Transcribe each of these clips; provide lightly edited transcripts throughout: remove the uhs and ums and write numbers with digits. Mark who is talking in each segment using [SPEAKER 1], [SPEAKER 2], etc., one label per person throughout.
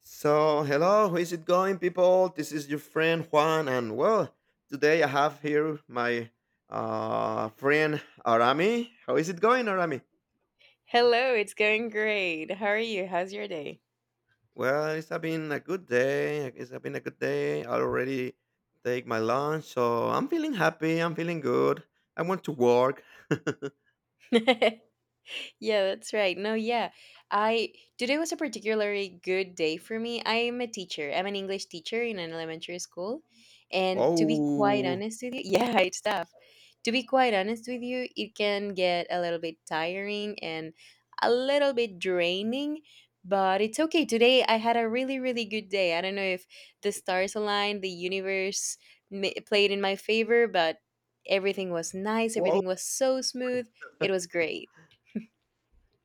[SPEAKER 1] So, hello, how is it going, people? This is your friend Juan, and well, today I have here my friend Arami. How is it going, Arami?
[SPEAKER 2] Hello, it's going great. How are you? How's your day?
[SPEAKER 1] Well, it's have been a good day. It's have been a good day. I already take my lunch, so I'm feeling happy. I'm feeling good. I want to work.
[SPEAKER 2] Yeah, that's right. No, yeah. I today was a particularly good day for me. I'm a teacher. I'm an English teacher in an elementary school. And to be quite
[SPEAKER 1] oh,
[SPEAKER 2] honest with you, yeah, it's tough. To be quite honest with you, it can get a little bit tiring and a little bit draining, but it's okay. Today I had a really, really good day. I don't know if the stars aligned, the universe played in my favor, but everything was nice.
[SPEAKER 1] wow,
[SPEAKER 2] Everything was so smooth. It was great.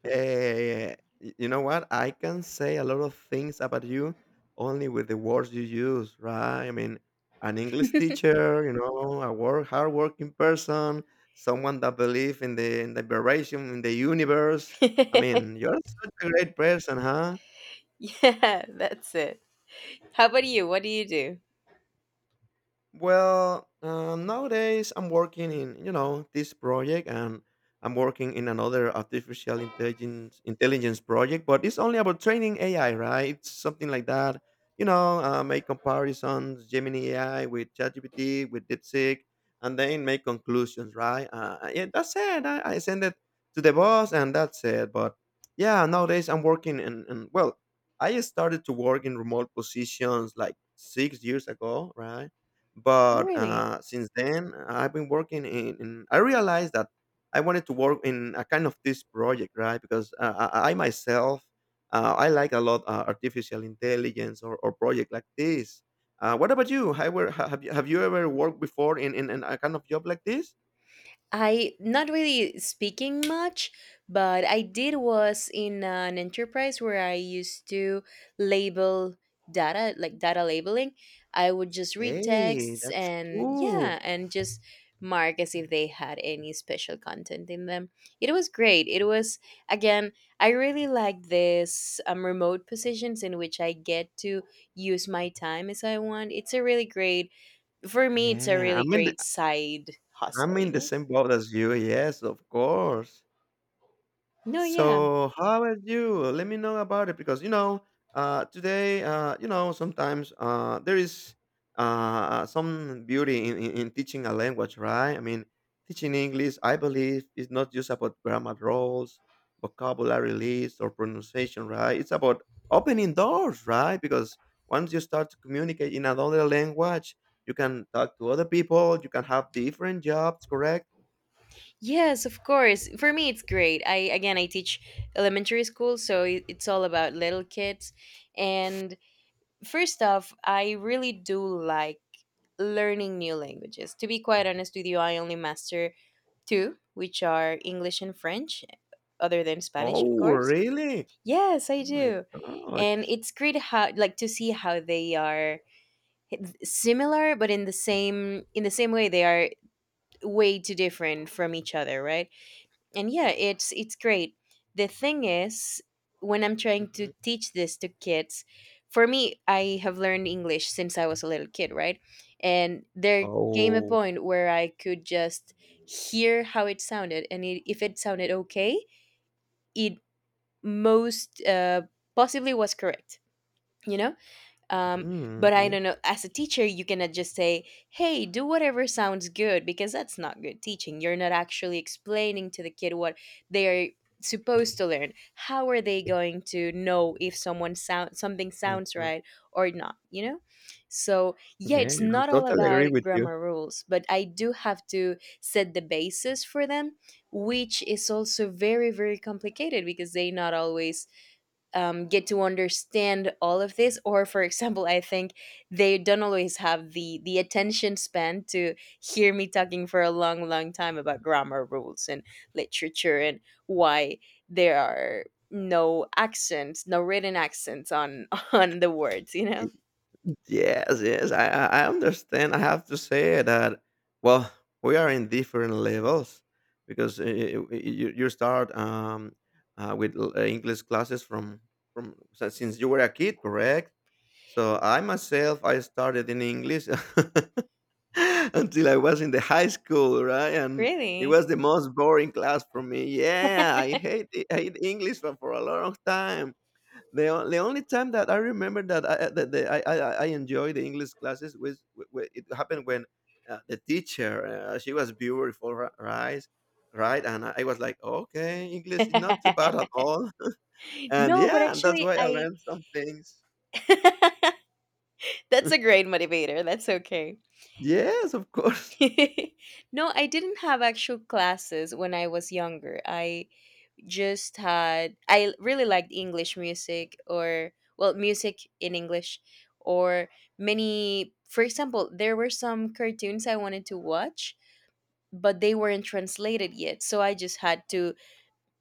[SPEAKER 1] Eh, y you know what? I can say a lot of things about you only with the words you use, right? I mean, an English teacher, you know, a work, hardworking person, someone that believes in the variation in the universe. I mean, you're such a great person, huh?
[SPEAKER 2] Yeah, that's it. How about you? What do you do?
[SPEAKER 1] Well, nowadays I'm working in you know this project, and I'm working in another artificial intelligence project. But it's only about training AI, right? It's something like that. You know, make comparisons, Gemini AI with ChatGPT, with DeepSeek, and then make conclusions, right? Yeah, that's it. I send it to the boss, and that's it. But yeah, nowadays I'm working, and well, I started to work in remote positions like 6 years ago, right?
[SPEAKER 2] Oh,
[SPEAKER 1] But
[SPEAKER 2] really?
[SPEAKER 1] since then, I've been working in. I realized that I wanted to work in a kind of this project, right? Because I myself, I like a lot artificial intelligence or project like this. What about you? Have you ever worked before in, in a kind of job like this?
[SPEAKER 2] I Not really speaking much, but I did was in an enterprise where I used to label data, like data labeling. I would just read
[SPEAKER 1] Hey,
[SPEAKER 2] texts
[SPEAKER 1] that's
[SPEAKER 2] and
[SPEAKER 1] cool.
[SPEAKER 2] yeah, and just mark as if they had any special content in them. It was great. It was again, I really like this remote positions in which I get to use my time as I want. It's a really great for me. It's a
[SPEAKER 1] Yeah,
[SPEAKER 2] really
[SPEAKER 1] I'm in the,
[SPEAKER 2] great side hustle.
[SPEAKER 1] I'm
[SPEAKER 2] You
[SPEAKER 1] in the
[SPEAKER 2] know.
[SPEAKER 1] same boat as you. Yes, of course.
[SPEAKER 2] No, yeah.
[SPEAKER 1] So how are you? Let me know about it because you know today you know sometimes there is some beauty in, in teaching a language, right? I mean, teaching English, I believe, is not just about grammar rules, vocabulary lists, or pronunciation, right? It's about opening doors, right? Because once you start to communicate in another language, you can talk to other people. You can have different jobs, correct?
[SPEAKER 2] Yes, of course. For me, it's great. I, again, I teach elementary school, so it's all about little kids. And first off, I really do like learning new languages. To be quite honest with you, I only master two, which are English and French, other than Spanish, of
[SPEAKER 1] Oh,
[SPEAKER 2] course.
[SPEAKER 1] really?
[SPEAKER 2] Yes, I
[SPEAKER 1] Oh my
[SPEAKER 2] do. And
[SPEAKER 1] gosh.
[SPEAKER 2] it's great how, like, to see how they are similar, but in the same way, they are way too different from each other, right? And yeah, it's great. The thing is, when I'm trying to
[SPEAKER 1] Mm-hmm.
[SPEAKER 2] teach this to kids, for me, I have learned English since I was a little kid, right? And there came a
[SPEAKER 1] Oh,
[SPEAKER 2] point where I could just hear how it sounded, and it, if it sounded okay, it most possibly was correct, you know um, but
[SPEAKER 1] mm,
[SPEAKER 2] I
[SPEAKER 1] mm,
[SPEAKER 2] don't know. As a teacher, you cannot just say, "Hey, do whatever sounds good," because that's not good teaching. You're not actually explaining to the kid what they are supposed to learn. How are they going to know if someone sound something
[SPEAKER 1] mm,
[SPEAKER 2] sounds
[SPEAKER 1] mm.
[SPEAKER 2] right or not? You know. So yeah,
[SPEAKER 1] Yeah,
[SPEAKER 2] it's
[SPEAKER 1] I'm
[SPEAKER 2] not all
[SPEAKER 1] totally
[SPEAKER 2] about
[SPEAKER 1] agree with you.
[SPEAKER 2] grammar rules, but I do have to set the basis for them, which is also very very complicated because they not always get to understand all of this. Or for example, I think they don't always have the attention span to hear me talking for a long long time about grammar rules and literature and why there are no accents, no written accents on on the words, you know?
[SPEAKER 1] Yes, yes, I understand. I have to say that, well, we are in different levels because you, you start English classes since you were a kid, correct? So I myself, I started in English until I was in the high school, right? And it
[SPEAKER 2] Really?
[SPEAKER 1] was the most boring class for me. Yeah, I hate English for a long time. The only time that I remember that I enjoyed the English classes was it happened when the teacher she was beautiful, right? Right, and I was like, okay, English is not too bad at all, and
[SPEAKER 2] No, but
[SPEAKER 1] yeah, and that's
[SPEAKER 2] actually
[SPEAKER 1] why I
[SPEAKER 2] I
[SPEAKER 1] learned some things.
[SPEAKER 2] that's a great motivator, that's okay.
[SPEAKER 1] Yes, of course.
[SPEAKER 2] No, I didn't have actual classes when I was younger. I just had I really liked English music, or well, music in English. Or many, for example, there were some cartoons I wanted to watch, but they weren't translated yet, so I just had to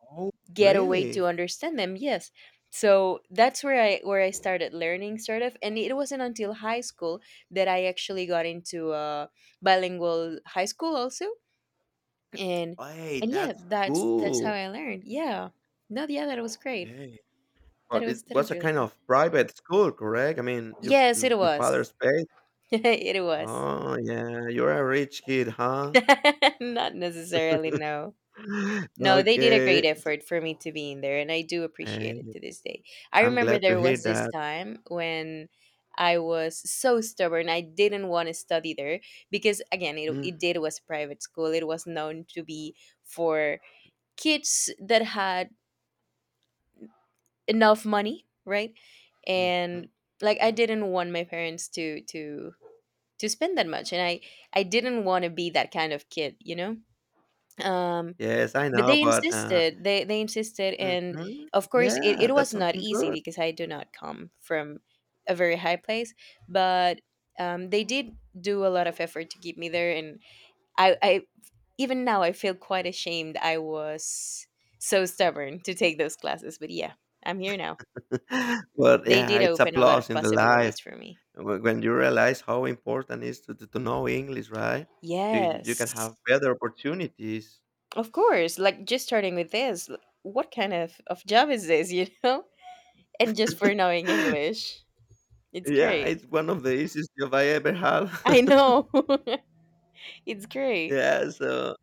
[SPEAKER 1] Oh,
[SPEAKER 2] get a way to
[SPEAKER 1] really?
[SPEAKER 2] understand them. Yes, so that's where I started learning, sort of. And it wasn't until high school that I actually got into a bilingual high school also. and
[SPEAKER 1] Hey,
[SPEAKER 2] and yeah,
[SPEAKER 1] that's
[SPEAKER 2] that's how
[SPEAKER 1] cool.
[SPEAKER 2] I learned. Yeah, no, yeah, that was great.
[SPEAKER 1] Okay, but it
[SPEAKER 2] That
[SPEAKER 1] was
[SPEAKER 2] was
[SPEAKER 1] a
[SPEAKER 2] really
[SPEAKER 1] kind
[SPEAKER 2] fun.
[SPEAKER 1] of private school, correct? I mean,
[SPEAKER 2] Yes, it
[SPEAKER 1] your
[SPEAKER 2] was.
[SPEAKER 1] father's paid?
[SPEAKER 2] It was.
[SPEAKER 1] Oh, yeah, you're a rich kid, huh?
[SPEAKER 2] Not necessarily, no. No, they did a great
[SPEAKER 1] Okay, s
[SPEAKER 2] effort for me to be in there, and I do appreciate
[SPEAKER 1] hey,
[SPEAKER 2] it to this day. I
[SPEAKER 1] I'm
[SPEAKER 2] remember
[SPEAKER 1] glad to
[SPEAKER 2] there
[SPEAKER 1] hear
[SPEAKER 2] was this
[SPEAKER 1] that.
[SPEAKER 2] time when I was so stubborn. I didn't want to study there because, again, it
[SPEAKER 1] Mm,
[SPEAKER 2] did was a private school. It was known to be for kids that had enough money, right?
[SPEAKER 1] mhm.
[SPEAKER 2] And like I didn't want my parents to to spend that much. And I didn't want to be that kind of kid, you know? Um
[SPEAKER 1] Yes, I
[SPEAKER 2] but
[SPEAKER 1] know,
[SPEAKER 2] they
[SPEAKER 1] but,
[SPEAKER 2] insisted. They insisted. And
[SPEAKER 1] mhm,
[SPEAKER 2] of course it,
[SPEAKER 1] yeah,
[SPEAKER 2] it
[SPEAKER 1] that's
[SPEAKER 2] was not
[SPEAKER 1] something
[SPEAKER 2] easy
[SPEAKER 1] good.
[SPEAKER 2] because I do not come from a very high place, but they did do a lot of effort to keep me there. And I even now I feel quite ashamed I was so stubborn to take those classes, but yeah, I'm here now.
[SPEAKER 1] But,
[SPEAKER 2] They
[SPEAKER 1] yeah,
[SPEAKER 2] did
[SPEAKER 1] it's a
[SPEAKER 2] open a lot of
[SPEAKER 1] plus in the life
[SPEAKER 2] possibilities for me.
[SPEAKER 1] when you realize how important it is to know English, right? You can
[SPEAKER 2] Yes,
[SPEAKER 1] have better opportunities.
[SPEAKER 2] of course. Like just starting with this, what kind of job is this, you know? And just for knowing English, it's
[SPEAKER 1] Yeah,
[SPEAKER 2] great.
[SPEAKER 1] it's one of the easiest job I ever had.
[SPEAKER 2] I know, it's great.
[SPEAKER 1] Yeah, so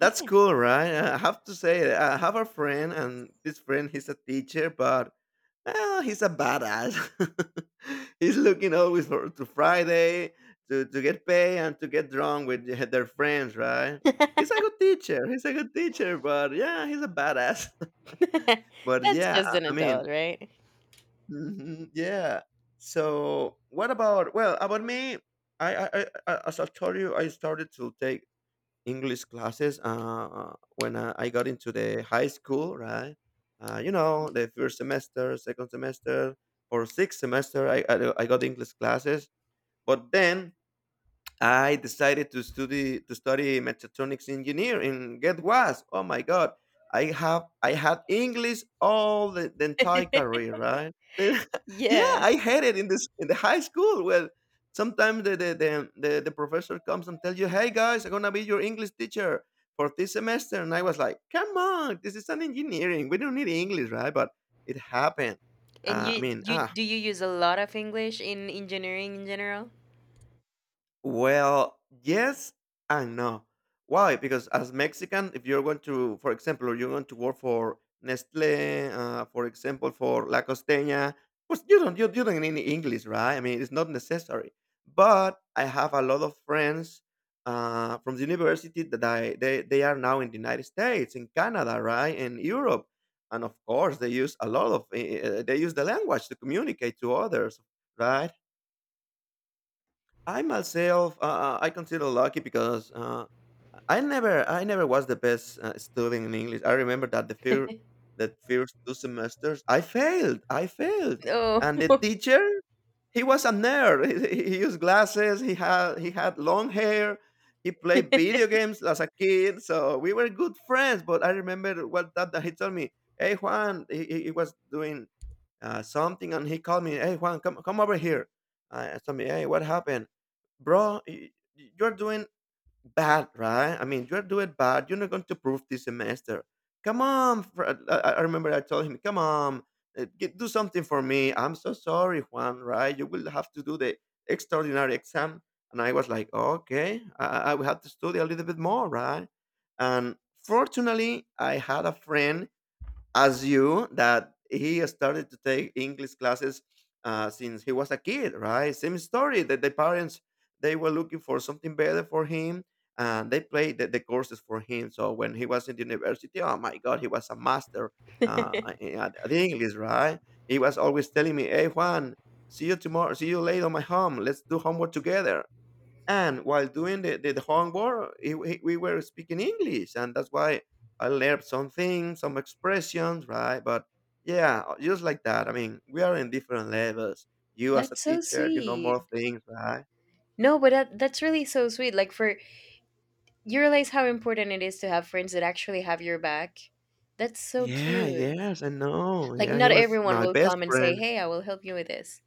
[SPEAKER 2] But
[SPEAKER 1] cool, right? I have to say, I have a friend, and this friend, he's a teacher, but well, he's a badass. he's looking always for to Friday to get paid and to get drunk with the- their friends, right? He's a good teacher. He's a good teacher, but yeah, he's a badass.
[SPEAKER 2] yeah,
[SPEAKER 1] but
[SPEAKER 2] that's
[SPEAKER 1] yeah,
[SPEAKER 2] just
[SPEAKER 1] I
[SPEAKER 2] an
[SPEAKER 1] I mean,
[SPEAKER 2] adult, right?
[SPEAKER 1] mhm, yeah. So what about well about me? As I told you, I started to take English classes. When I got into the high school, right? You know, the first semester, second semester, for sixth semester, I got English classes. But then I decided to study mechatronics engineer and get was oh my god I had English all the entire career right yeah
[SPEAKER 2] Yeah.
[SPEAKER 1] I had it in this in the high school well sometimes the professor comes and tells you hey guys I'm gonna be your English teacher for this semester and I was like come on this is an engineering we don't need English right but it happened
[SPEAKER 2] And
[SPEAKER 1] uh, I
[SPEAKER 2] you,
[SPEAKER 1] mean
[SPEAKER 2] you
[SPEAKER 1] ah
[SPEAKER 2] do you use a lot of English in engineering in general?
[SPEAKER 1] Well, yes and no. Why? Because as Mexican, if you're going to, for example, or you're going to work for Nestle, for example, for La Costeña, pues you don't need any English, right? I mean, it's not necessary. But I have a lot of friends from the university that I they are now in the United States, in Canada, right, and Europe, and of course they use a lot of they use the language to communicate to others, right? I myself, I consider lucky because I never was the best student in English. I remember that the fear, that first two semesters, I failed,
[SPEAKER 2] Oh,
[SPEAKER 1] and the teacher, he was a nerd. He, used glasses. He had long hair. He played video games as a kid, so we were good friends. But I remember that he told me, "Hey Juan, he was doing something, and he called me, "Hey Juan, come over here." I asked him, "Hey, what happened, bro? You're doing bad, right? I mean, you're doing bad. You're not going to prove this semester. Come on!" I remember I told him, "Come on, do something for me. I'm so sorry, Juan. Right? You will have to do the extraordinary exam." And I was like, "Okay, I will have to study a little bit more, right?" And fortunately, I had a friend as you that he started to take English classes since he was a kid, right? Same story that the parents they were looking for something better for him, and they played the courses for him. So when he was in the university, oh my God, he was a master at English, right? He was always telling me, "Hey Juan, see you tomorrow, see you later on my home. Let's do homework together." and while doing the homework it, we were speaking english and that's why I learned some things some expressions right but yeah just like that I mean we are in different levels you as a
[SPEAKER 2] that's so
[SPEAKER 1] teacher you know
[SPEAKER 2] sweet.
[SPEAKER 1] more things right
[SPEAKER 2] No, but that that's really so sweet. Like for you realize how important it is to have friends that actually have your back. That's so
[SPEAKER 1] yeah
[SPEAKER 2] cute.
[SPEAKER 1] yes I know
[SPEAKER 2] Like,
[SPEAKER 1] yeah
[SPEAKER 2] not
[SPEAKER 1] he was
[SPEAKER 2] everyone
[SPEAKER 1] my
[SPEAKER 2] will
[SPEAKER 1] best
[SPEAKER 2] come and say,
[SPEAKER 1] friend
[SPEAKER 2] "Hey, I will help you with this."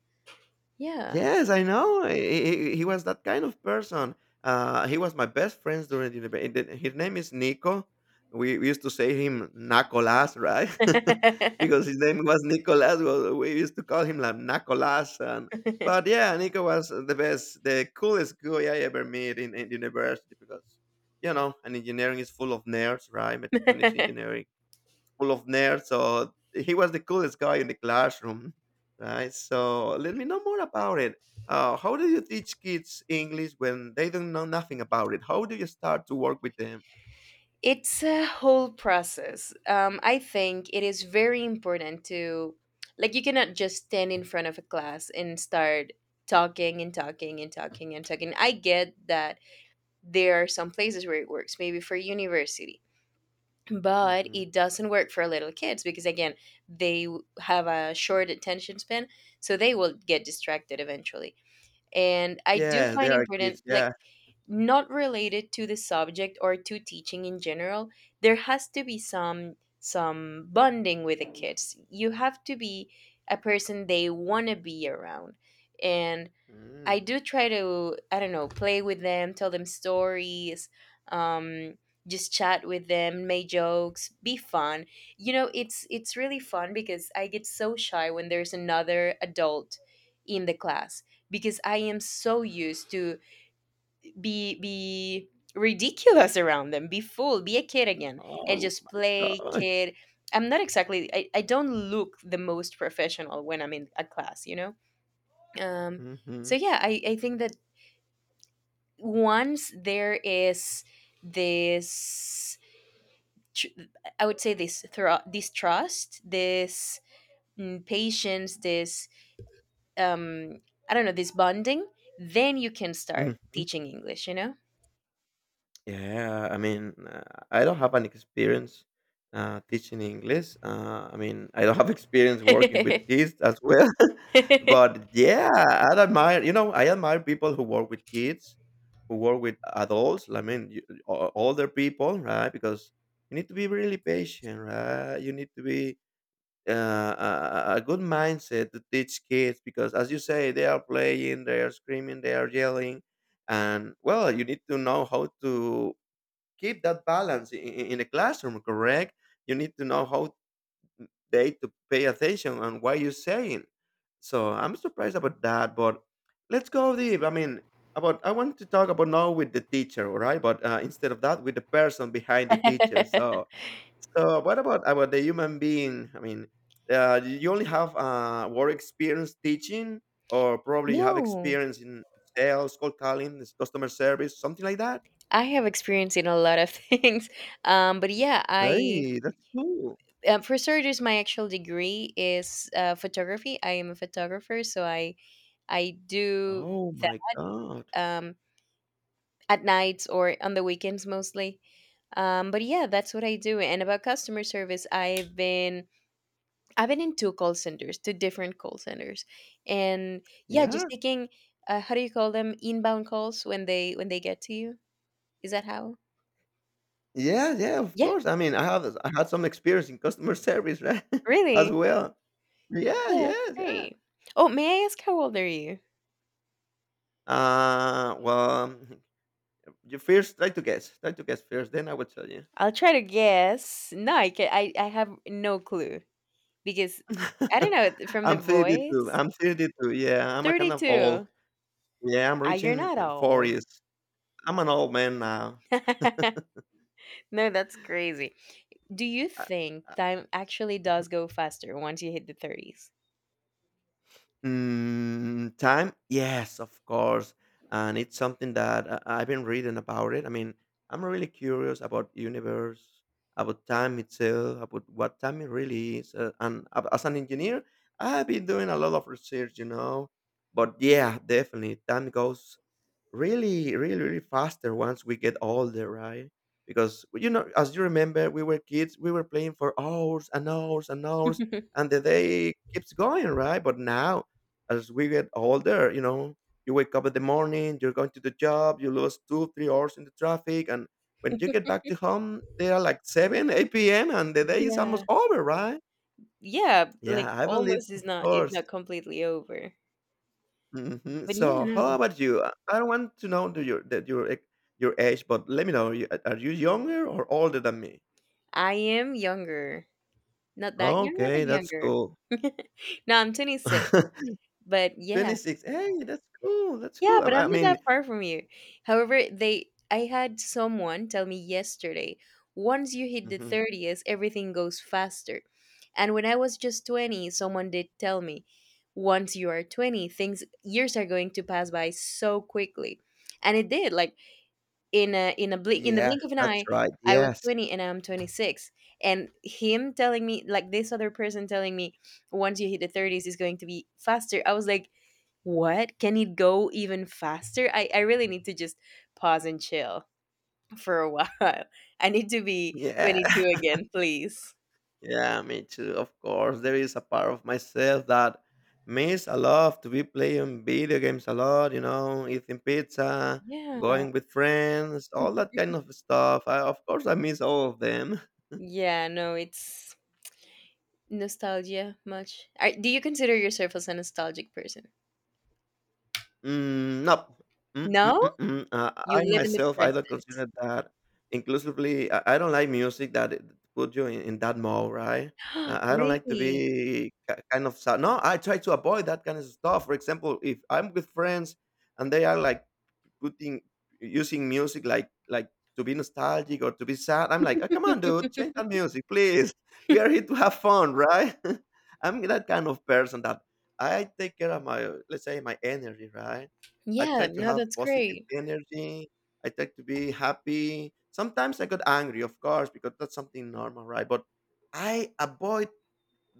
[SPEAKER 2] Yeah.
[SPEAKER 1] Yes, I know. He was that kind of person. He was my best friends during the university. His name is Nico. We used to say him Nacolas, right? because his name was Nicolas. Well, we used to call him like Nacolas. And, but yeah, Nico was the best, the coolest guy I ever met in university because, you know, an engineering is full of nerds, right? Mechatronics engineering full of nerds. So he was the coolest guy in the classroom, right? So let me know more about it. How do you teach kids English when they don't know nothing about it? How do you start to work with them?
[SPEAKER 2] It's a whole process. I think it is very important to, like, you cannot just stand in front of a class and start talking and talking and talking and talking. I get that there are some places where it works, maybe for university, but
[SPEAKER 1] Hmm
[SPEAKER 2] it doesn't work for little kids because again they have a short attention span, so they will get distracted eventually. And I do
[SPEAKER 1] Yeah, they
[SPEAKER 2] find
[SPEAKER 1] are
[SPEAKER 2] important,
[SPEAKER 1] kids.
[SPEAKER 2] like,
[SPEAKER 1] Yeah.
[SPEAKER 2] not related to the subject or to teaching in general, there has to be some bonding with the kids. You have to be a person they want to be around. And
[SPEAKER 1] Mm.
[SPEAKER 2] I do try to, I don't know, play with them, tell them stories, um, just chat with them, make jokes, be fun. You know, it's really fun because I get so shy when there's another adult in the class, because I am so used to be ridiculous around them, be full, be a kid again, and
[SPEAKER 1] Oh
[SPEAKER 2] just
[SPEAKER 1] my
[SPEAKER 2] play
[SPEAKER 1] gosh.
[SPEAKER 2] kid. I'm not exactly I don't look the most professional when I'm in a class, you know? Um
[SPEAKER 1] Hmm
[SPEAKER 2] so yeah, I think that once there is this tr- I would say this this trust, this patience, this um I don't know, this bonding, then you can start teaching English, you know?
[SPEAKER 1] Yeah, I mean, I don't have an experience teaching English. I mean, I don't have experience working with kids as well. But yeah, I admire, you know, I admire people who work with kids, who work with adults. I mean, you, older people, right? Because you need to be really patient, right? You need to be uh, a, a good mindset to teach kids because, as you say, they are playing, they are screaming, they are yelling and well you need to know how to keep that balance in a classroom, correct? You need to know how they to pay attention and what you're saying. So I'm surprised about that, but let's go deep. I mean, about I want to talk about now with the teacher, all right? But instead of that, with the person behind the teacher. So, so what about the human being? I mean, you only have work experience teaching, or probably you have
[SPEAKER 2] No,
[SPEAKER 1] experience in sales, cold calling, this customer service, something like that.
[SPEAKER 2] I have experience in a lot of things. But yeah I
[SPEAKER 1] Hey, that's cool.
[SPEAKER 2] for starters, my actual degree is photography. I am a photographer, so I do
[SPEAKER 1] Oh
[SPEAKER 2] that
[SPEAKER 1] my god.
[SPEAKER 2] um at nights or on the weekends mostly. But yeah, that's what I do. And about customer service, I've been in two call centers, two different call centers, and yeah, just
[SPEAKER 1] Yeah.
[SPEAKER 2] taking how do you call them, inbound calls, when they get to you? Is that how?
[SPEAKER 1] Yeah, yeah, of
[SPEAKER 2] Yeah,
[SPEAKER 1] course. I mean, I had some experience in customer service, right? As
[SPEAKER 2] really?
[SPEAKER 1] well. Yeah,
[SPEAKER 2] Yeah, that's
[SPEAKER 1] yes, yeah.
[SPEAKER 2] great. Oh, may I ask how old are you?
[SPEAKER 1] Well, you first try to guess. Try to guess first, then I will tell you.
[SPEAKER 2] I'll try to guess. No, I can, I have no clue because I don't know from the
[SPEAKER 1] I'm 32.
[SPEAKER 2] voice.
[SPEAKER 1] I'm 32. Yeah, I'm a
[SPEAKER 2] Thirty
[SPEAKER 1] kind of old.
[SPEAKER 2] two.
[SPEAKER 1] Yeah, I'm
[SPEAKER 2] Ah, you're
[SPEAKER 1] reaching
[SPEAKER 2] not old.
[SPEAKER 1] 40s. I'm an old man now.
[SPEAKER 2] No, that's crazy. Do you
[SPEAKER 1] I,
[SPEAKER 2] think
[SPEAKER 1] I,
[SPEAKER 2] time actually does go faster once you hit the 30s?
[SPEAKER 1] Time? Yes, of course. And it's something that I've been reading about it. I mean, I'm really curious about universe, about time itself, about what time it really is. And as an engineer, I've been doing a lot of research. But yeah, definitely, time goes really, really, really faster once we get older, right? Because well, as you remember, we were kids, we were playing for hours and hours and hours, and the day keeps going, right? But now, as we get older, you wake up in the morning, you're going to the job, you lose 2, 3 hours in the traffic, and when you get back to home, they are like 7, 8 p.m., and the day is
[SPEAKER 2] Yeah.
[SPEAKER 1] almost over, right?
[SPEAKER 2] Yeah, like
[SPEAKER 1] Yeah, I believe,
[SPEAKER 2] almost is
[SPEAKER 1] of
[SPEAKER 2] not if
[SPEAKER 1] course.
[SPEAKER 2] not completely over.
[SPEAKER 1] Mhm.
[SPEAKER 2] But yeah,
[SPEAKER 1] So, how
[SPEAKER 2] no.
[SPEAKER 1] about you? I don't want to know the, your that your ec- your age, but let me know. Are you younger or older than me?
[SPEAKER 2] I am younger. Not that younger, but
[SPEAKER 1] Okay, that's
[SPEAKER 2] younger.
[SPEAKER 1] cool.
[SPEAKER 2] No, I'm 26. But yeah,
[SPEAKER 1] 26. Hey, that's cool. That's
[SPEAKER 2] yeah,
[SPEAKER 1] cool.
[SPEAKER 2] but
[SPEAKER 1] I,
[SPEAKER 2] I'm
[SPEAKER 1] I
[SPEAKER 2] not that
[SPEAKER 1] mean,
[SPEAKER 2] far from you. However, they I had someone tell me yesterday, once you hit the
[SPEAKER 1] Mhm.
[SPEAKER 2] 30s, everything goes faster. And when I was just 20, someone did tell me, once you are 20, things years are going to pass by so quickly. And it did, like in a blink in the
[SPEAKER 1] Yeah,
[SPEAKER 2] blink of an
[SPEAKER 1] that's
[SPEAKER 2] eye,
[SPEAKER 1] right.
[SPEAKER 2] I was
[SPEAKER 1] Yes.
[SPEAKER 2] 20 and I'm 26. And him telling me, like this other person telling me, once you hit the 30s is going to be faster. I was like, what? Can it go even faster? I really need to just pause and chill for a while. I need to be
[SPEAKER 1] Yeah.
[SPEAKER 2] 22 again, please.
[SPEAKER 1] Yeah, me too. Of course, there is a part of myself that miss a lot to be playing video games a lot, eating pizza,
[SPEAKER 2] Yeah.
[SPEAKER 1] going with friends, all that kind of stuff. Of course, I miss all of them.
[SPEAKER 2] Yeah, no, it's nostalgia much. Are, do you consider yourself as a nostalgic person?
[SPEAKER 1] Mm, no. Mm, mm,
[SPEAKER 2] No?
[SPEAKER 1] mm, mm.
[SPEAKER 2] You
[SPEAKER 1] I
[SPEAKER 2] live in the
[SPEAKER 1] myself, I don't consider that inclusively. I don't like music that it put you in that mode, right?
[SPEAKER 2] present.
[SPEAKER 1] I don't like to
[SPEAKER 2] Really?
[SPEAKER 1] be kind of sad. No, I try to avoid that kind of stuff. For example, if I'm with friends and they are like putting using music like to be nostalgic or to be sad. I'm like, oh, come on, dude, change that music, please. We are here to have fun, right? I'm that kind of person that I take care of let's say, my energy, right? I
[SPEAKER 2] Yeah,
[SPEAKER 1] try to
[SPEAKER 2] no,
[SPEAKER 1] have
[SPEAKER 2] that's
[SPEAKER 1] positive
[SPEAKER 2] great.
[SPEAKER 1] energy. I try to be happy. Sometimes I got angry, of course, because that's something normal, right? But I avoid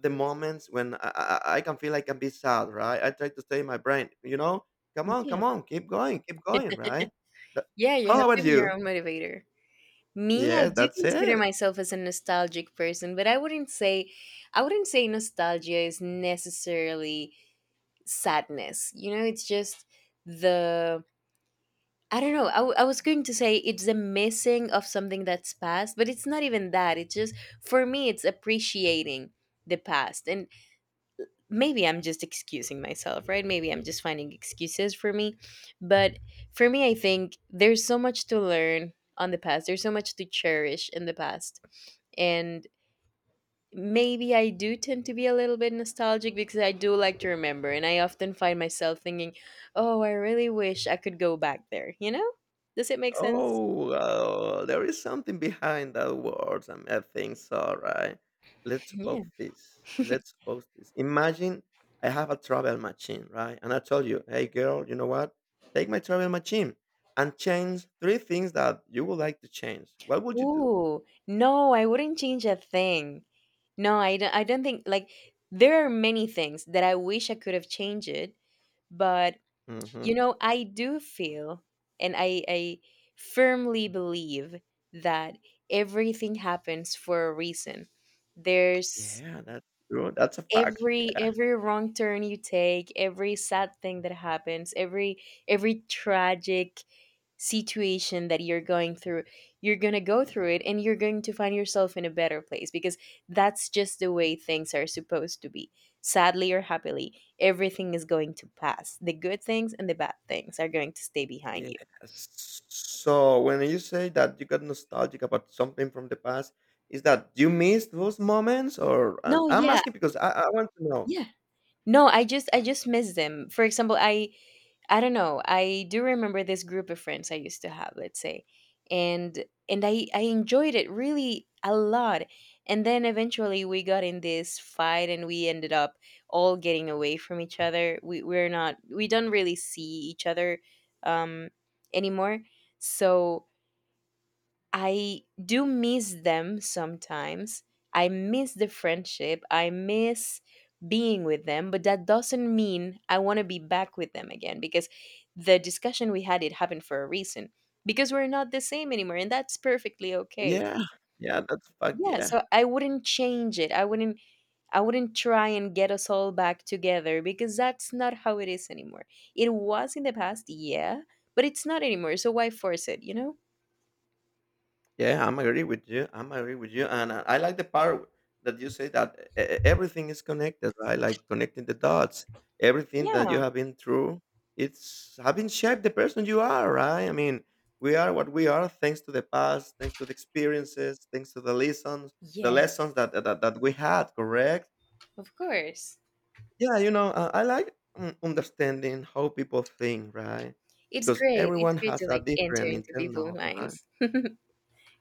[SPEAKER 1] the moments when I can feel I can be sad, right? I try to stay in my brain, come on,
[SPEAKER 2] Yeah.
[SPEAKER 1] come on, keep going, right? That,
[SPEAKER 2] Yeah, you have
[SPEAKER 1] how
[SPEAKER 2] to
[SPEAKER 1] about
[SPEAKER 2] be your
[SPEAKER 1] you?
[SPEAKER 2] own motivator. Me, I
[SPEAKER 1] Yes,
[SPEAKER 2] do
[SPEAKER 1] that's
[SPEAKER 2] consider
[SPEAKER 1] it.
[SPEAKER 2] myself as a nostalgic person, but I wouldn't say nostalgia is necessarily sadness. You know, it's just the I don't know. I was going to say it's the missing of something that's past, but it's not even that. It's just for me, it's appreciating the past. And maybe I'm just excusing myself, right? Maybe I'm just finding excuses for me. But for me, I think there's so much to learn on the past, there's so much to cherish in the past. And maybe I do tend to be a little bit nostalgic because I do like to remember. And I often find myself thinking, oh, I really wish I could go back there, you know? Does it make sense?
[SPEAKER 1] Oh, wow, there is something behind that words. And I think so, right? Let's
[SPEAKER 2] Yeah.
[SPEAKER 1] suppose this. Let's suppose this. Imagine I have a travel machine, right? And I told you, hey, girl, you know what? Take my travel machine and change three things that you would like to change. What would you do?
[SPEAKER 2] Ooh, no, I wouldn't change a thing. No, I don't think like there are many things that I wish I could have changed it, but
[SPEAKER 1] Mhm.
[SPEAKER 2] I do feel and I firmly believe that everything happens for a reason. There's
[SPEAKER 1] Yeah, that's true. That's a fact. Yeah.
[SPEAKER 2] every wrong turn you take, every sad thing that happens, every tragic situation that you're going through. You're going to go through it and you're going to find yourself in a better place because that's just the way things are supposed to be. Sadly or happily, everything is going to pass. The good things and the bad things are going to stay behind
[SPEAKER 1] Yes.
[SPEAKER 2] you.
[SPEAKER 1] So when you say that you got nostalgic about something from the past, is that you miss those moments, or and
[SPEAKER 2] No,
[SPEAKER 1] I'm
[SPEAKER 2] yeah,
[SPEAKER 1] asking because I want to know.
[SPEAKER 2] yeah, no, I just miss them. For example, I don't know. I do remember this group of friends I used to have, let's say. And I enjoyed it really a lot. And then eventually we got in this fight and we ended up all getting away from each other. We we're not we don't really see each other um anymore. So I do miss them sometimes. I miss the friendship. I miss being with them, but that doesn't mean I want to be back with them again because the discussion we had, it happened for a reason, because we're not the same anymore and that's perfectly okay.
[SPEAKER 1] Yeah. Yeah, that's a fact.
[SPEAKER 2] Yeah,
[SPEAKER 1] Yeah.
[SPEAKER 2] so I wouldn't change it. I wouldn't try and get us all back together because that's not how it is anymore. It was in the past, yeah, but it's not anymore. So why force it, you know?
[SPEAKER 1] Yeah, I'm agree with you. I'm agree with you, and I like the part that you say that everything is connected. Right, like connecting the dots. Everything that you have been through, it's having shaped the person you are. Right. I mean, we are what we are thanks to the past, thanks to the experiences, thanks to the
[SPEAKER 2] Yeah.
[SPEAKER 1] lessons that we had. Correct.
[SPEAKER 2] Of course.
[SPEAKER 1] Yeah, I like understanding how people think. Right,
[SPEAKER 2] It's
[SPEAKER 1] because
[SPEAKER 2] great. It's
[SPEAKER 1] everyone
[SPEAKER 2] great to
[SPEAKER 1] has a
[SPEAKER 2] like enter
[SPEAKER 1] different
[SPEAKER 2] into people's
[SPEAKER 1] internal. Right.
[SPEAKER 2] minds.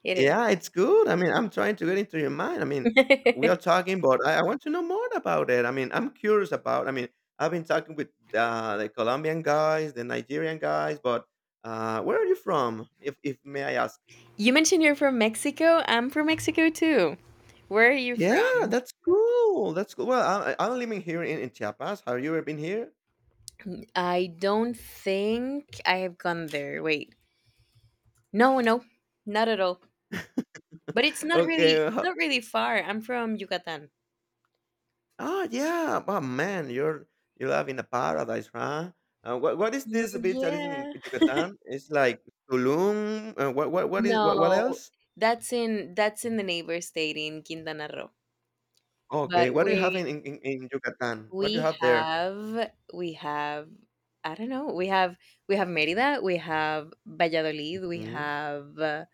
[SPEAKER 2] It
[SPEAKER 1] Yeah, it's good. I mean, I'm trying to get into your mind. I mean, we
[SPEAKER 2] is.
[SPEAKER 1] are talking, but I want to know more about it. I mean, I'm curious about. I mean, I've been talking with the Colombian guys, the Nigerian guys, but where are you from, if may I ask?
[SPEAKER 2] You mentioned you're from Mexico. I'm from Mexico too. Where are you
[SPEAKER 1] Yeah,
[SPEAKER 2] from?
[SPEAKER 1] that's cool. That's cool. Well, I'm living here in Chiapas. Have you ever been here?
[SPEAKER 2] I don't think I have gone there. Wait. No, no. Not at all. But it's not really
[SPEAKER 1] Okay.
[SPEAKER 2] it's not really far. I'm from Yucatan.
[SPEAKER 1] Oh, yeah. Oh, man, you live in a paradise, huh? What is
[SPEAKER 2] Mm,
[SPEAKER 1] this beach that is in
[SPEAKER 2] yeah.
[SPEAKER 1] Yucatan? It's like Tulum. What
[SPEAKER 2] No.
[SPEAKER 1] else?
[SPEAKER 2] That's in the neighbor state in Quintana Roo. But
[SPEAKER 1] Okay, what do you have
[SPEAKER 2] we
[SPEAKER 1] in Yucatan? What do you
[SPEAKER 2] We
[SPEAKER 1] have there?
[SPEAKER 2] have we have I don't know. We have Mérida, we have Valladolid, we
[SPEAKER 1] Mm.
[SPEAKER 2] have uh,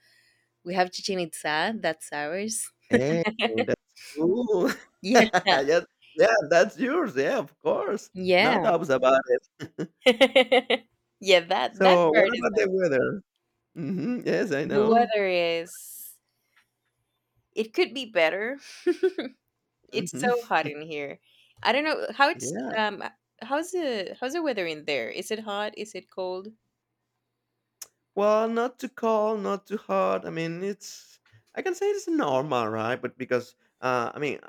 [SPEAKER 2] we have Chichen Itza. That's ours.
[SPEAKER 1] Hey, that's cool.
[SPEAKER 2] Yeah, yeah,
[SPEAKER 1] Yeah, yeah, that's yours. Yeah, of course. No doubts about it.
[SPEAKER 2] yeah. That
[SPEAKER 1] So what
[SPEAKER 2] part is
[SPEAKER 1] about
[SPEAKER 2] like
[SPEAKER 1] the weather? Mhm, yes, I
[SPEAKER 2] the
[SPEAKER 1] know.
[SPEAKER 2] weather is. It could be better. It's so
[SPEAKER 1] Mhm.
[SPEAKER 2] hot in here. I don't know how it's
[SPEAKER 1] Yeah.
[SPEAKER 2] um how's the how's the weather in there? Is it hot? Is it cold?
[SPEAKER 1] Well, not too cold, not too hot. I mean, it's I can say it's normal, right? But because, I mean,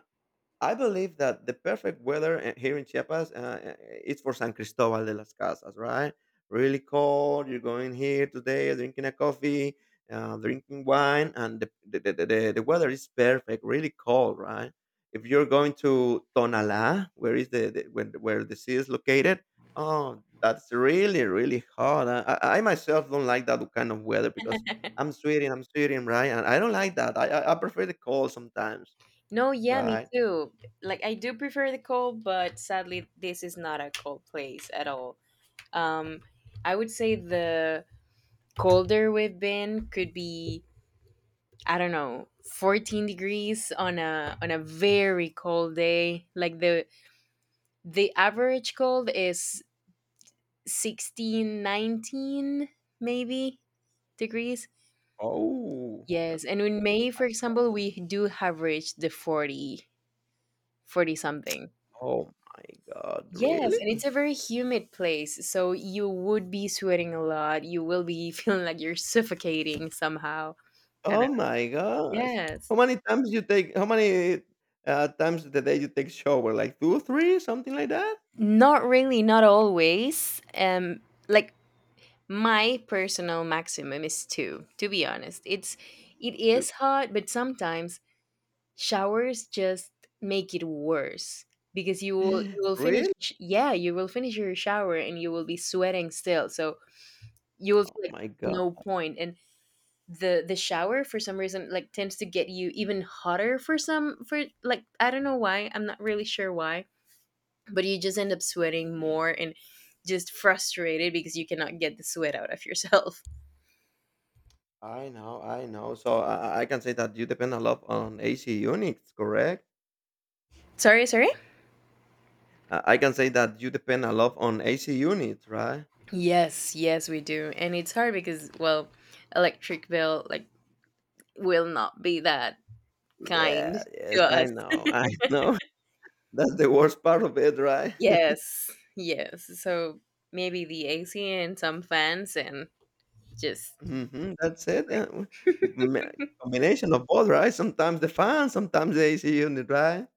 [SPEAKER 1] I believe that the perfect weather here in Chiapas is for San Cristobal de las Casas, right? Really cold. You're going here today, drinking a coffee, drinking wine, and the weather is perfect. Really cold, right? If you're going to Tonalá, where is the when, where the sea is located, oh, that's really really hot. I myself don't like that kind of weather because I'm sweating, right? And I don't like that. I prefer the cold sometimes,
[SPEAKER 2] No, yeah, me
[SPEAKER 1] right?
[SPEAKER 2] too. Like I do prefer the cold, but sadly this is not a cold place at all. Um I would say the colder we've been could be, I don't know, 14 degrees on a very cold day. Like the average cold is 16, 19 maybe degrees.
[SPEAKER 1] Oh, that
[SPEAKER 2] Yes, and in May for example, we do have reached the 40 40 something.
[SPEAKER 1] oh my god,
[SPEAKER 2] Yes, and it's
[SPEAKER 1] really?
[SPEAKER 2] a very humid place, so you would be sweating a lot. You will be feeling like you're suffocating somehow. I don't
[SPEAKER 1] Oh
[SPEAKER 2] know.
[SPEAKER 1] my gosh.
[SPEAKER 2] Yes.
[SPEAKER 1] How many times the day you take shower? Like two, three, something like that?
[SPEAKER 2] Not really, not always. Like my personal maximum is two, to be honest. It's it
[SPEAKER 1] Two-
[SPEAKER 2] is hot, but sometimes showers just make it worse because you will you will finish.
[SPEAKER 1] Really?
[SPEAKER 2] Yeah, you will finish your shower and you will be sweating still. So you will
[SPEAKER 1] Oh
[SPEAKER 2] feel like
[SPEAKER 1] my god.
[SPEAKER 2] no point and the shower for some reason like tends to get you even hotter, for some, for like, I don't know why, I'm not really sure why, but you just end up sweating more and just frustrated because you cannot get the sweat out of yourself.
[SPEAKER 1] I know, I know. So I can say that you depend a lot on AC units, correct?
[SPEAKER 2] Sorry, sorry?
[SPEAKER 1] I can say that you depend a lot on AC units, right?
[SPEAKER 2] Yes, yes we do. And it's hard because, well, electric bill like will not be that kind
[SPEAKER 1] Yeah,
[SPEAKER 2] to
[SPEAKER 1] yes,
[SPEAKER 2] us.
[SPEAKER 1] I know, I know. That's the worst part of it, right?
[SPEAKER 2] Yes. Yes. So maybe the AC and some fans and just,
[SPEAKER 1] Mhm, that's it, yeah, m- combination of both, right? Sometimes the fans, sometimes they see you in the drive.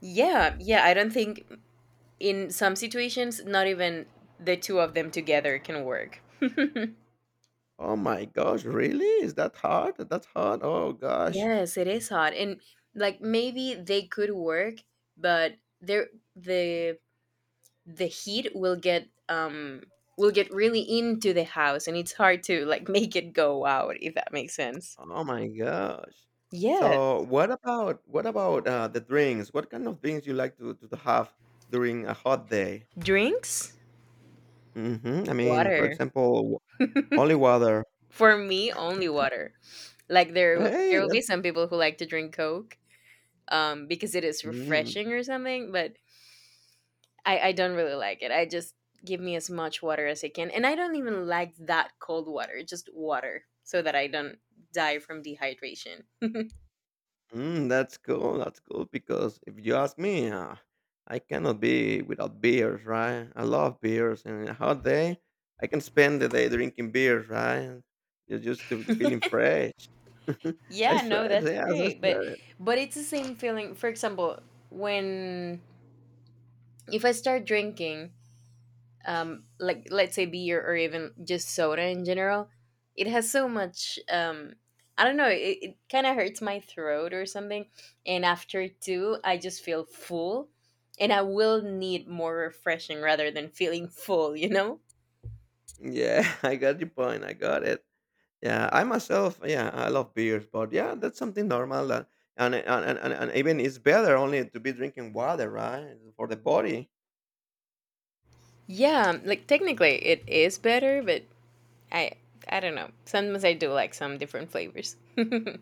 [SPEAKER 2] yeah, yeah, I don't think in some situations not even the two of them together can work.
[SPEAKER 1] "Oh my gosh, really? Is that hard? That's hard? Oh gosh.
[SPEAKER 2] Yes, it is hot and like maybe they could work but there the the heat will get really into the house and it's hard to like make it go out, if that makes sense.
[SPEAKER 1] Oh my gosh."
[SPEAKER 2] Yes.
[SPEAKER 1] So, what about, the drinks? What kind of drinks you like to have during a hot day?
[SPEAKER 2] Drinks.
[SPEAKER 1] Mhm, I mean, for
[SPEAKER 2] Water.
[SPEAKER 1] example, w only water.
[SPEAKER 2] For me only water. Like there will- there
[SPEAKER 1] Hey,
[SPEAKER 2] will be
[SPEAKER 1] that's
[SPEAKER 2] some people who like to drink coke because it is
[SPEAKER 1] mm.
[SPEAKER 2] refreshing or something, but I don't really like it. I just give me as much water as I can. And I don't even like that cold water, just water, so that I don't die from dehydration.
[SPEAKER 1] Mm, that's cool. That's cool because if you ask me, I cannot be without beers, right? I love beers, and in a hot day, I can spend the day drinking beers, right? You're just feeling fresh. I
[SPEAKER 2] Yeah,
[SPEAKER 1] swear
[SPEAKER 2] no,
[SPEAKER 1] it.
[SPEAKER 2] that's
[SPEAKER 1] Yes, I
[SPEAKER 2] great. But
[SPEAKER 1] swear it.
[SPEAKER 2] but it's the same feeling. For example, when if I start drinking, like let's say beer or even just soda in general, it has so much. I don't know. It kind of hurts my throat or something, and after two, I just feel full, and I will need more refreshing rather than feeling full. You know?
[SPEAKER 1] Yeah, I got your point. I got it. Yeah, I myself, yeah, I love beers, but yeah, that's something normal. That, and even it's better only to be drinking water, right? For the body.
[SPEAKER 2] Yeah. Like technically, it is better, but I I don't know. Sometimes I do like some different flavors. Yeah.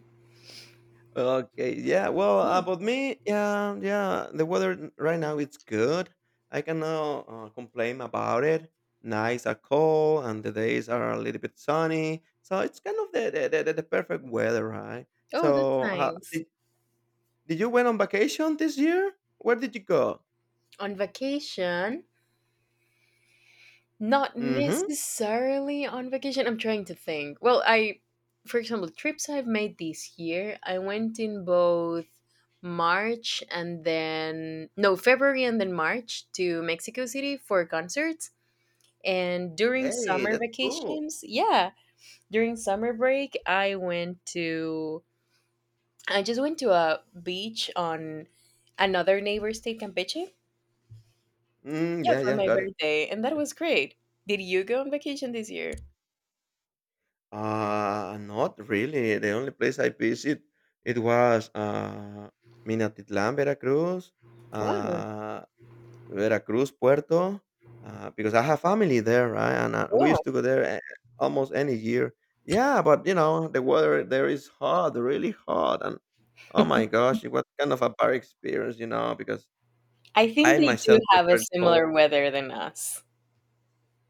[SPEAKER 1] Okay, yeah. Well, about me, yeah, yeah. The weather right now it's good. I cannot complain about it. Nights are cold and the days are a little bit sunny, so it's kind of the perfect weather, right?
[SPEAKER 2] Oh, that's
[SPEAKER 1] So,
[SPEAKER 2] nice.
[SPEAKER 1] did you went on vacation this year? Where did you go?
[SPEAKER 2] On vacation, not
[SPEAKER 1] Mm-hmm.
[SPEAKER 2] necessarily on vacation. I'm trying to think. Well, for example, trips I've made this year, I went in both March and then, no, February and then March to Mexico City for concerts. And during
[SPEAKER 1] Hey,
[SPEAKER 2] summer
[SPEAKER 1] that's cool.
[SPEAKER 2] vacations, yeah, during summer break, I just went to a beach on another neighbor state, Campeche.
[SPEAKER 1] Mm,
[SPEAKER 2] Yeah,
[SPEAKER 1] yeah,
[SPEAKER 2] for
[SPEAKER 1] yeah,
[SPEAKER 2] my
[SPEAKER 1] got it.
[SPEAKER 2] birthday. And that was great. Did you go on vacation this year?
[SPEAKER 1] Not really. The only place I visit it was Minatitlán, Veracruz,
[SPEAKER 2] Wow.
[SPEAKER 1] uh, Veracruz, Puerto, because I have family there, right? And we
[SPEAKER 2] Oh,
[SPEAKER 1] used to go there almost any year. Yeah, but you know the weather there is hot, really hot, and oh my gosh, it was kind of a bad experience, because
[SPEAKER 2] I think
[SPEAKER 1] I
[SPEAKER 2] they do
[SPEAKER 1] myself
[SPEAKER 2] have a
[SPEAKER 1] preferred cold.
[SPEAKER 2] similar weather than us.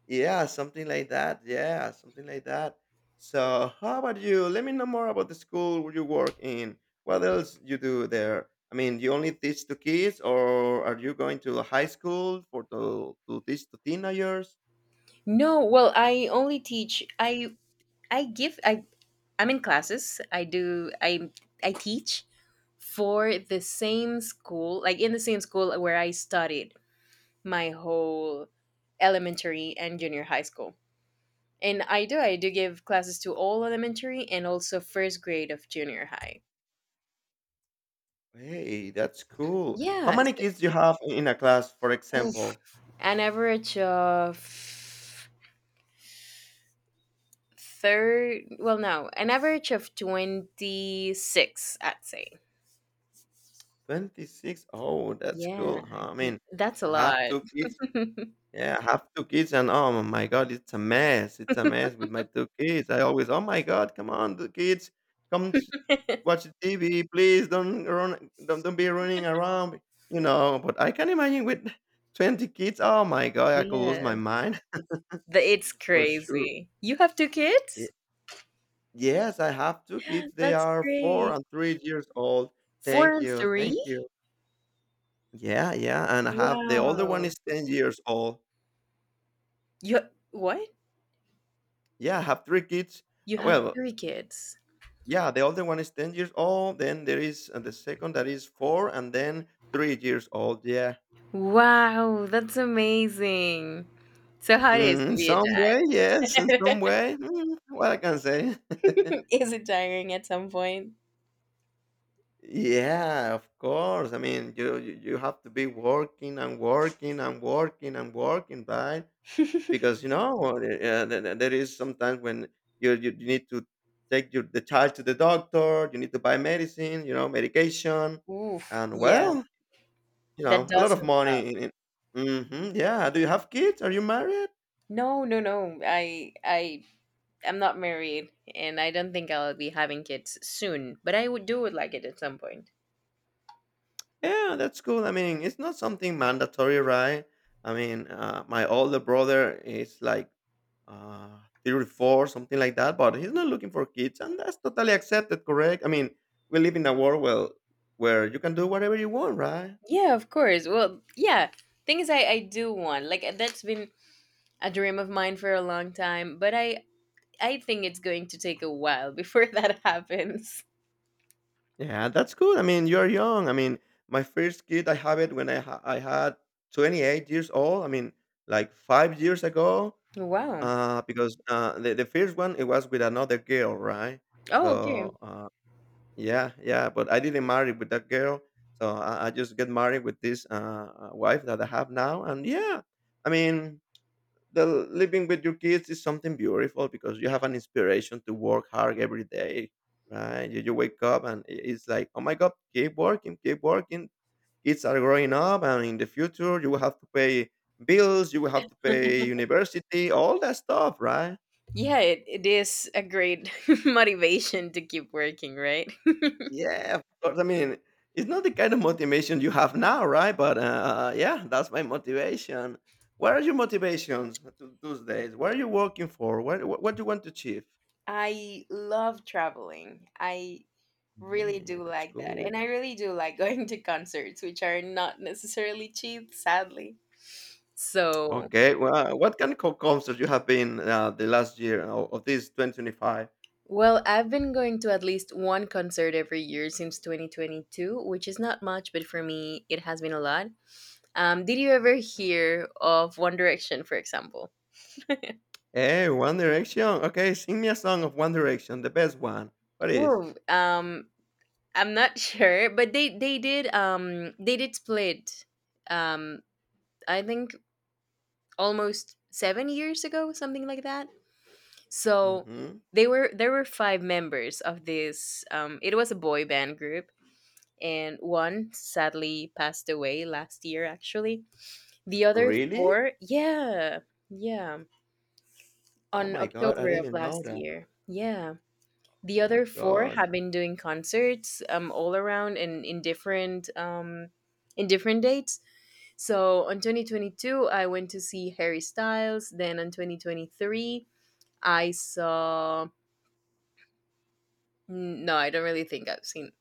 [SPEAKER 1] Yeah, something like that. Yeah, something like that. So, how about you? Let me know more about the school where you work in. What else you do there? I mean, you only teach to kids, or are you going to a high school for to teach to teenagers?
[SPEAKER 2] No, well, I only teach. I. Give. I'm in classes. I do. I teach for the same school, like in the same school where I studied my whole elementary and junior high school. And I do. I do give classes to all elementary and also first grade of junior high.
[SPEAKER 1] Hey, that's cool. How
[SPEAKER 2] Yeah.
[SPEAKER 1] many kids you have in a class, for
[SPEAKER 2] Oof.
[SPEAKER 1] example?
[SPEAKER 2] An average of third, well, no, an average of 26, I'd say.
[SPEAKER 1] 26. Oh, that's
[SPEAKER 2] Yeah,
[SPEAKER 1] cool. Huh? I mean,
[SPEAKER 2] that's a
[SPEAKER 1] I have
[SPEAKER 2] lot.
[SPEAKER 1] two kids. Yeah, I have 2 kids and oh my god, it's a mess. It's a mess with my 2 kids. I always, "Oh my god, come on, the kids, come t watch the TV, please don't be running around," But I can imagine with 20 kids, oh my god, I could lose my
[SPEAKER 2] Yes,
[SPEAKER 1] mind
[SPEAKER 2] it's
[SPEAKER 1] for sure.
[SPEAKER 2] crazy you have two
[SPEAKER 1] Ye
[SPEAKER 2] kids.
[SPEAKER 1] yes, I have 2 kids. They
[SPEAKER 2] That's
[SPEAKER 1] are 4
[SPEAKER 2] great.
[SPEAKER 1] and 3 years old.
[SPEAKER 2] four
[SPEAKER 1] Thank
[SPEAKER 2] and
[SPEAKER 1] you,
[SPEAKER 2] three
[SPEAKER 1] thank you. Yeah, yeah, and I have the older one
[SPEAKER 2] Wow.
[SPEAKER 1] is 10 years old.
[SPEAKER 2] you what
[SPEAKER 1] Yeah, I have 3 kids.
[SPEAKER 2] you have
[SPEAKER 1] Well,
[SPEAKER 2] three kids.
[SPEAKER 1] yeah, the older one is 10 years old. Then there is the second that is 4, and then 3 years old. Yeah.
[SPEAKER 2] Wow, that's amazing. So how it is
[SPEAKER 1] Mm,
[SPEAKER 2] to
[SPEAKER 1] in
[SPEAKER 2] be a
[SPEAKER 1] some
[SPEAKER 2] dad?
[SPEAKER 1] way, yes. In some way, what I can say.
[SPEAKER 2] Is it tiring at some point?
[SPEAKER 1] Yeah, of course. I mean, you have to be working and working and working and working, right? Because there is sometimes when you need to take your the child to the doctor. You need to buy medicine. You know, medication,
[SPEAKER 2] Oof,
[SPEAKER 1] and
[SPEAKER 2] yeah,
[SPEAKER 1] well, you
[SPEAKER 2] that
[SPEAKER 1] know, a lot
[SPEAKER 2] does
[SPEAKER 1] of
[SPEAKER 2] sound tough.
[SPEAKER 1] money. Mhm, yeah. Do you have kids? Are you married?
[SPEAKER 2] No, no, no. I'm not married, and I don't think I'll be having kids soon. But I would do would like it at some point.
[SPEAKER 1] Yeah, that's cool. I mean, it's not something mandatory, right? I mean, my older brother is like uh, 34, something like that, but he's not looking for kids, and that's totally accepted, correct? I mean, we live in a world where you can do whatever you want, right?
[SPEAKER 2] Yeah, of course. Well, yeah. Thing is, I do want, like, that's been a dream of mine for a long time. But I think it's going to take a while before that happens.
[SPEAKER 1] Yeah, that's good. I mean, you're young. I mean, my first kid, I have it when I had 28 years old. I mean, like 5 years ago.
[SPEAKER 2] Wow.
[SPEAKER 1] Because, the first one, it was with another girl, right? So,
[SPEAKER 2] Oh, okay.
[SPEAKER 1] uh, yeah, yeah, but I didn't marry with that girl, so I just get married with this, wife that I have now, and yeah, I mean, the living with your kids is something beautiful because you have an inspiration to work hard every day, right? You wake up and I it's like, "Oh my god, keep working, keep working." Kids are growing up, and in the future, you will have to pay bills, you will have to pay university, all that stuff, right?
[SPEAKER 2] Yeah, it is a great motivation to keep working, right?
[SPEAKER 1] Yeah, of course. I mean, it's not the kind of motivation you have now, right? But yeah, that's my motivation. What are your motivations those days? What are you working for? What do you want to achieve?
[SPEAKER 2] I love traveling. I really
[SPEAKER 1] Yeah,
[SPEAKER 2] do
[SPEAKER 1] that's
[SPEAKER 2] like that.
[SPEAKER 1] cool.
[SPEAKER 2] And I really do like going to concerts, which are not necessarily cheap, sadly. So,
[SPEAKER 1] Okay, well, what kind of concerts you have been the last year of this 2025?
[SPEAKER 2] well, I've been going to at least one concert every year since 2022, which is not much, but for me, it has been a lot. Did you ever hear of One Direction, for example?
[SPEAKER 1] Hey, One Direction. Okay, sing me a song of One Direction, the best one. What is?
[SPEAKER 2] Ooh, I'm not sure, but they did split, um I think almost 7 years ago, something like that. So
[SPEAKER 1] Mm-hmm.
[SPEAKER 2] they were there were five members of this it was a boy band group, and one sadly passed away last year, actually. The other
[SPEAKER 1] Really?
[SPEAKER 2] four, yeah. Yeah,
[SPEAKER 1] Oh
[SPEAKER 2] on
[SPEAKER 1] my god, I
[SPEAKER 2] October of
[SPEAKER 1] didn't know
[SPEAKER 2] last
[SPEAKER 1] that.
[SPEAKER 2] year, yeah. The
[SPEAKER 1] Oh my
[SPEAKER 2] other four
[SPEAKER 1] gosh.
[SPEAKER 2] have been doing concerts, all around and in different dates. So on 2022 I went to see Harry Styles, then on 2023 I saw. Mm. No, I don't really think I've seen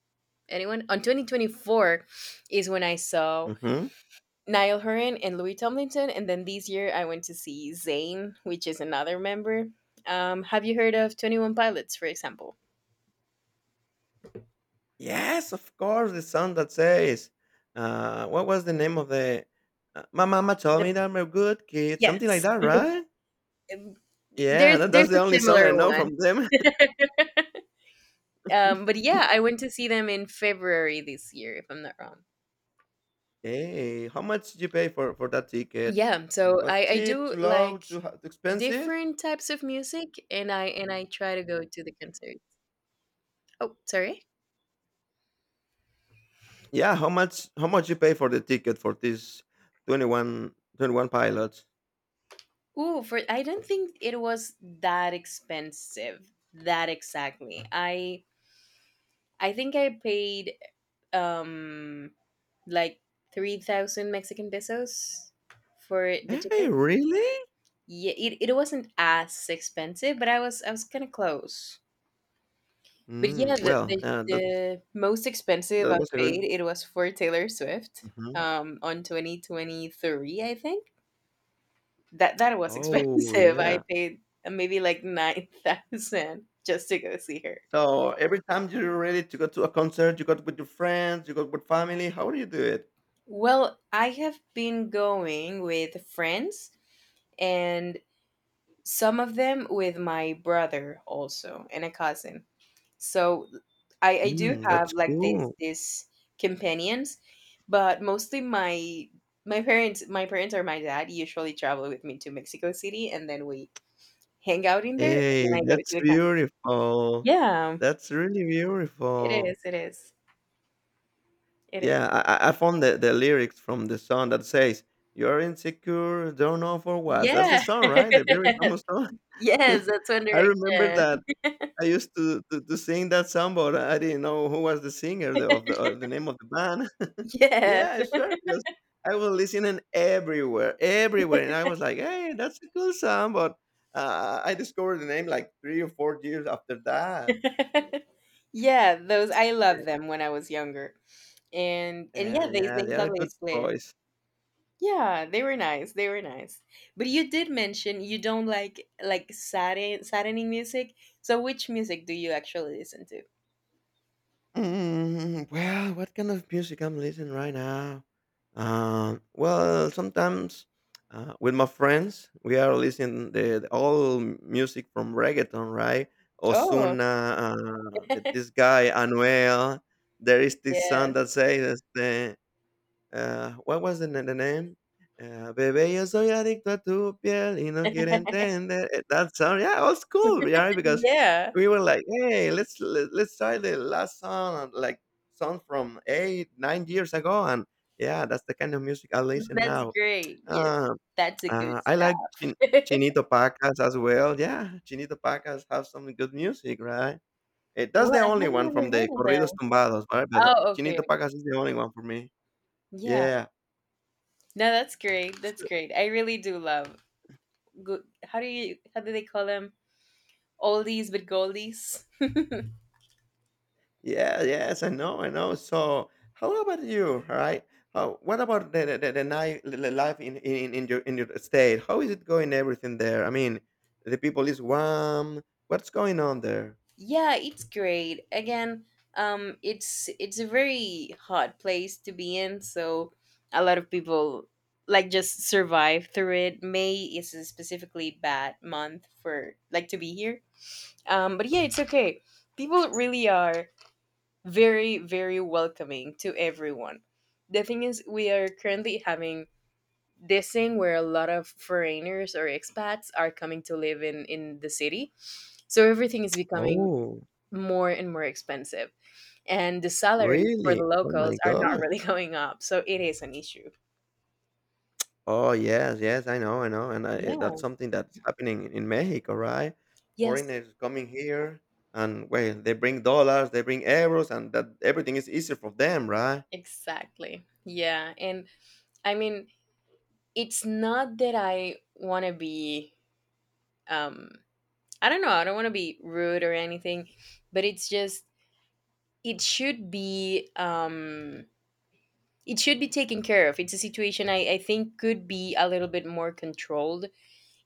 [SPEAKER 2] anyone. On 2024 is when I saw
[SPEAKER 1] Mm-hmm.
[SPEAKER 2] Niall Horan and Louis Tomlinson, and then this year I went to see Zayn, which is another member. Have you heard of 21 Pilots, for example?
[SPEAKER 1] Yes, of course, the song that says, what was the name of the "My mama told
[SPEAKER 2] The
[SPEAKER 1] me that I'm a good kid," something like
[SPEAKER 2] yes,
[SPEAKER 1] that, right?
[SPEAKER 2] Um,
[SPEAKER 1] Yeah,
[SPEAKER 2] there's
[SPEAKER 1] that's
[SPEAKER 2] there's
[SPEAKER 1] the
[SPEAKER 2] a
[SPEAKER 1] only song I
[SPEAKER 2] similar
[SPEAKER 1] know from
[SPEAKER 2] one.
[SPEAKER 1] them.
[SPEAKER 2] But yeah, I went to see them in February this year, if I'm not wrong.
[SPEAKER 1] Hey, how much did you pay for that ticket?
[SPEAKER 2] Yeah,
[SPEAKER 1] It
[SPEAKER 2] so
[SPEAKER 1] was
[SPEAKER 2] I
[SPEAKER 1] cheap,
[SPEAKER 2] do
[SPEAKER 1] too low,
[SPEAKER 2] like
[SPEAKER 1] too, too expensive.
[SPEAKER 2] different types of music, and I try to go to the concerts. Oh, sorry.
[SPEAKER 1] Yeah, how much you pay for the ticket for this twenty-one pilots?
[SPEAKER 2] Ooh, for I don't think it was that expensive. That exactly. I think I paid, um like, 3000 Mexican pesos for the
[SPEAKER 1] Hey,
[SPEAKER 2] ticket.
[SPEAKER 1] really?
[SPEAKER 2] Yeah, it wasn't as expensive, but I was kind of close. But yeah,
[SPEAKER 1] Mm,
[SPEAKER 2] the,
[SPEAKER 1] well,
[SPEAKER 2] the
[SPEAKER 1] that
[SPEAKER 2] the most expensive
[SPEAKER 1] that
[SPEAKER 2] I
[SPEAKER 1] was a good.
[SPEAKER 2] paid it was for Taylor Swift
[SPEAKER 1] Mhm.
[SPEAKER 2] on 2023, I think. That was
[SPEAKER 1] Oh
[SPEAKER 2] expensive. I
[SPEAKER 1] yeah.
[SPEAKER 2] paid maybe like 9,000 just to go see her.
[SPEAKER 1] So every time you're ready to go to a concert, you go with your friends, you go with family. How do you do it?
[SPEAKER 2] Well, I have been going with friends and some of them with my brother also and a cousin. So I do
[SPEAKER 1] Mm,
[SPEAKER 2] have
[SPEAKER 1] that's
[SPEAKER 2] like this
[SPEAKER 1] cool.
[SPEAKER 2] this companions, but mostly my parents or my dad usually travel with me to Mexico City and then we hang out in there and then
[SPEAKER 1] Hey,
[SPEAKER 2] I go to
[SPEAKER 1] that's
[SPEAKER 2] the camp.
[SPEAKER 1] beautiful.
[SPEAKER 2] Yeah,
[SPEAKER 1] That's really
[SPEAKER 2] it
[SPEAKER 1] beautiful.
[SPEAKER 2] is, it is. It is.
[SPEAKER 1] Yeah, I found the lyrics from the song that says, "You're insecure, don't know for what." That's the
[SPEAKER 2] Yeah.
[SPEAKER 1] song, right? The very famous song.
[SPEAKER 2] Yes, that's One
[SPEAKER 1] I remember
[SPEAKER 2] Direction.
[SPEAKER 1] that I used to sing that song, but I didn't know who was the singer the name of the band.
[SPEAKER 2] Yeah.
[SPEAKER 1] Yeah, sure. Because I was listening everywhere, everywhere, and I was like, "Hey, that's a cool song." But I discovered the name like 3 or 4 years after that.
[SPEAKER 2] Yeah, those I
[SPEAKER 1] Yeah,
[SPEAKER 2] loved them when I was younger. And yeah, they
[SPEAKER 1] yeah,
[SPEAKER 2] they
[SPEAKER 1] they are
[SPEAKER 2] suddenly
[SPEAKER 1] good
[SPEAKER 2] split.
[SPEAKER 1] boys.
[SPEAKER 2] Yeah, they were nice. They were nice. But you did mention you don't like saddening music. So which music do you actually listen to?
[SPEAKER 1] Mm, well, what kind of music I'm listening right now? Well, sometimes with my friends, we are listening the all music from reggaeton, right?
[SPEAKER 2] Oh,
[SPEAKER 1] Osuna, this guy Anuel. There is this
[SPEAKER 2] yeah.
[SPEAKER 1] song that says, este, ah, what was the na na name? Bebé, yo soy adicto a tu piel y no quiero entender. Eh, that song, yeah, it was cool, yeah, because
[SPEAKER 2] Yeah.
[SPEAKER 1] we were like, hey, let's try the last song, like song from 8, 9 years ago, and yeah, that's the kind of music I listen
[SPEAKER 2] That's
[SPEAKER 1] now.
[SPEAKER 2] great. Yes.
[SPEAKER 1] Uh,
[SPEAKER 2] That's a good
[SPEAKER 1] I like Chin-
[SPEAKER 2] stuff.
[SPEAKER 1] Chinito Pacas as well. Yeah, Chinito Pacas have some good music, right? Eh, that's
[SPEAKER 2] Well,
[SPEAKER 1] the
[SPEAKER 2] I
[SPEAKER 1] only
[SPEAKER 2] haven't
[SPEAKER 1] one
[SPEAKER 2] ever
[SPEAKER 1] from the
[SPEAKER 2] heard of
[SPEAKER 1] Corridos
[SPEAKER 2] them.
[SPEAKER 1] Tumbados, right? But
[SPEAKER 2] Oh, okay.
[SPEAKER 1] Chinito Pacas is the only one for me.
[SPEAKER 2] Yeah.
[SPEAKER 1] Yeah.
[SPEAKER 2] No, that's great. That's great. I really do love good. How do you? How do they call them? Oldies but goldies.
[SPEAKER 1] Yeah, yes, I know, I know. So, how about you? All right, what about the ni- li- li- life in, in your state? How is it going? Everything there? I mean, the people is warm. What's going on there?
[SPEAKER 2] Yeah, it's great. Again, it's a very hot place to be in, so a lot of people like just survive through it. May is a specifically bad month for like to be here. But yeah, it's okay. People really are very very welcoming to everyone. The thing is, we are currently having this thing where a lot of foreigners or expats are coming to live in the city, so everything is becoming
[SPEAKER 1] Oh,
[SPEAKER 2] more and more expensive and the salaries for the
[SPEAKER 1] really? Oh
[SPEAKER 2] locals
[SPEAKER 1] my
[SPEAKER 2] are not
[SPEAKER 1] gosh.
[SPEAKER 2] really going up, so it is an issue.
[SPEAKER 1] Oh yes, yes, I know, and that's
[SPEAKER 2] Yeah.
[SPEAKER 1] something that's happening in Mexico, right?
[SPEAKER 2] Yes,
[SPEAKER 1] Foreigners coming here, and well, they bring dollars, they bring euros, and that everything is easier for them, right?
[SPEAKER 2] exactly. Yeah. And I mean, it's not that I want to be, um I don't know, I don't want to be rude or anything, but it's just, it should be, taken care of. It's a situation I think could be a little bit more controlled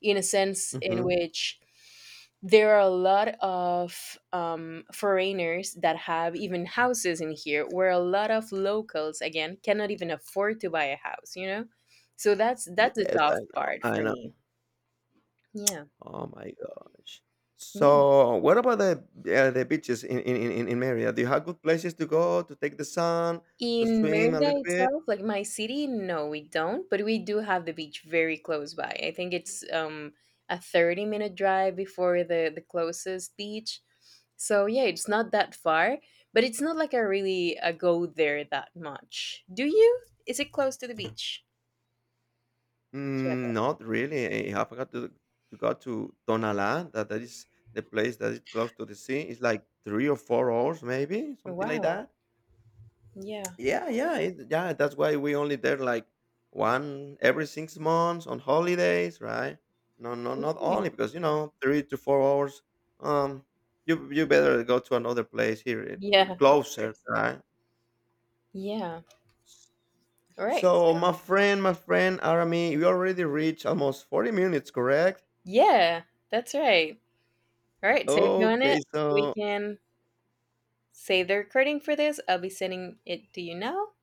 [SPEAKER 2] in a sense in
[SPEAKER 1] Mm-hmm.
[SPEAKER 2] which there are a lot of foreigners that have even houses in here where a lot of locals again cannot even afford to buy a house. So that's the
[SPEAKER 1] Yes, I
[SPEAKER 2] tough
[SPEAKER 1] know,
[SPEAKER 2] part
[SPEAKER 1] I
[SPEAKER 2] for
[SPEAKER 1] know.
[SPEAKER 2] me. Yeah.
[SPEAKER 1] Oh my gosh.
[SPEAKER 2] Yeah.
[SPEAKER 1] So, what about the beaches in Mérida? Do you have good places to go to take the sun, to
[SPEAKER 2] In
[SPEAKER 1] swim a
[SPEAKER 2] Merida
[SPEAKER 1] little bit?
[SPEAKER 2] itself, like my city, no, we don't, but we do have the beach very close by. I think it's a 30-minute minute drive before the closest beach. So yeah, it's not that far, but it's not like I really go there that much. Do you? Is it close to the beach?
[SPEAKER 1] Mm,
[SPEAKER 2] Chiapas.
[SPEAKER 1] not really. I have got to go to Tonalá. That is the place that is close to the sea. It's like 3 or 4 hours, maybe something like
[SPEAKER 2] Wow.
[SPEAKER 1] that.
[SPEAKER 2] Yeah.
[SPEAKER 1] Yeah, yeah, yeah. That's why we only there like one every 6 months on holidays, right? No, no, not only
[SPEAKER 2] Okay.
[SPEAKER 1] because you know 3 to 4 hours. Um, you better go to another place here,
[SPEAKER 2] Yeah, of
[SPEAKER 1] closer,
[SPEAKER 2] course.
[SPEAKER 1] right?
[SPEAKER 2] Yeah. All right.
[SPEAKER 1] So, my friend Arami, we already reached almost 40 minutes, correct?
[SPEAKER 2] Yeah, that's right. All right. So if you want
[SPEAKER 1] Okay,
[SPEAKER 2] it, we
[SPEAKER 1] so
[SPEAKER 2] can say they're recording for this. I'll be sending it to you now.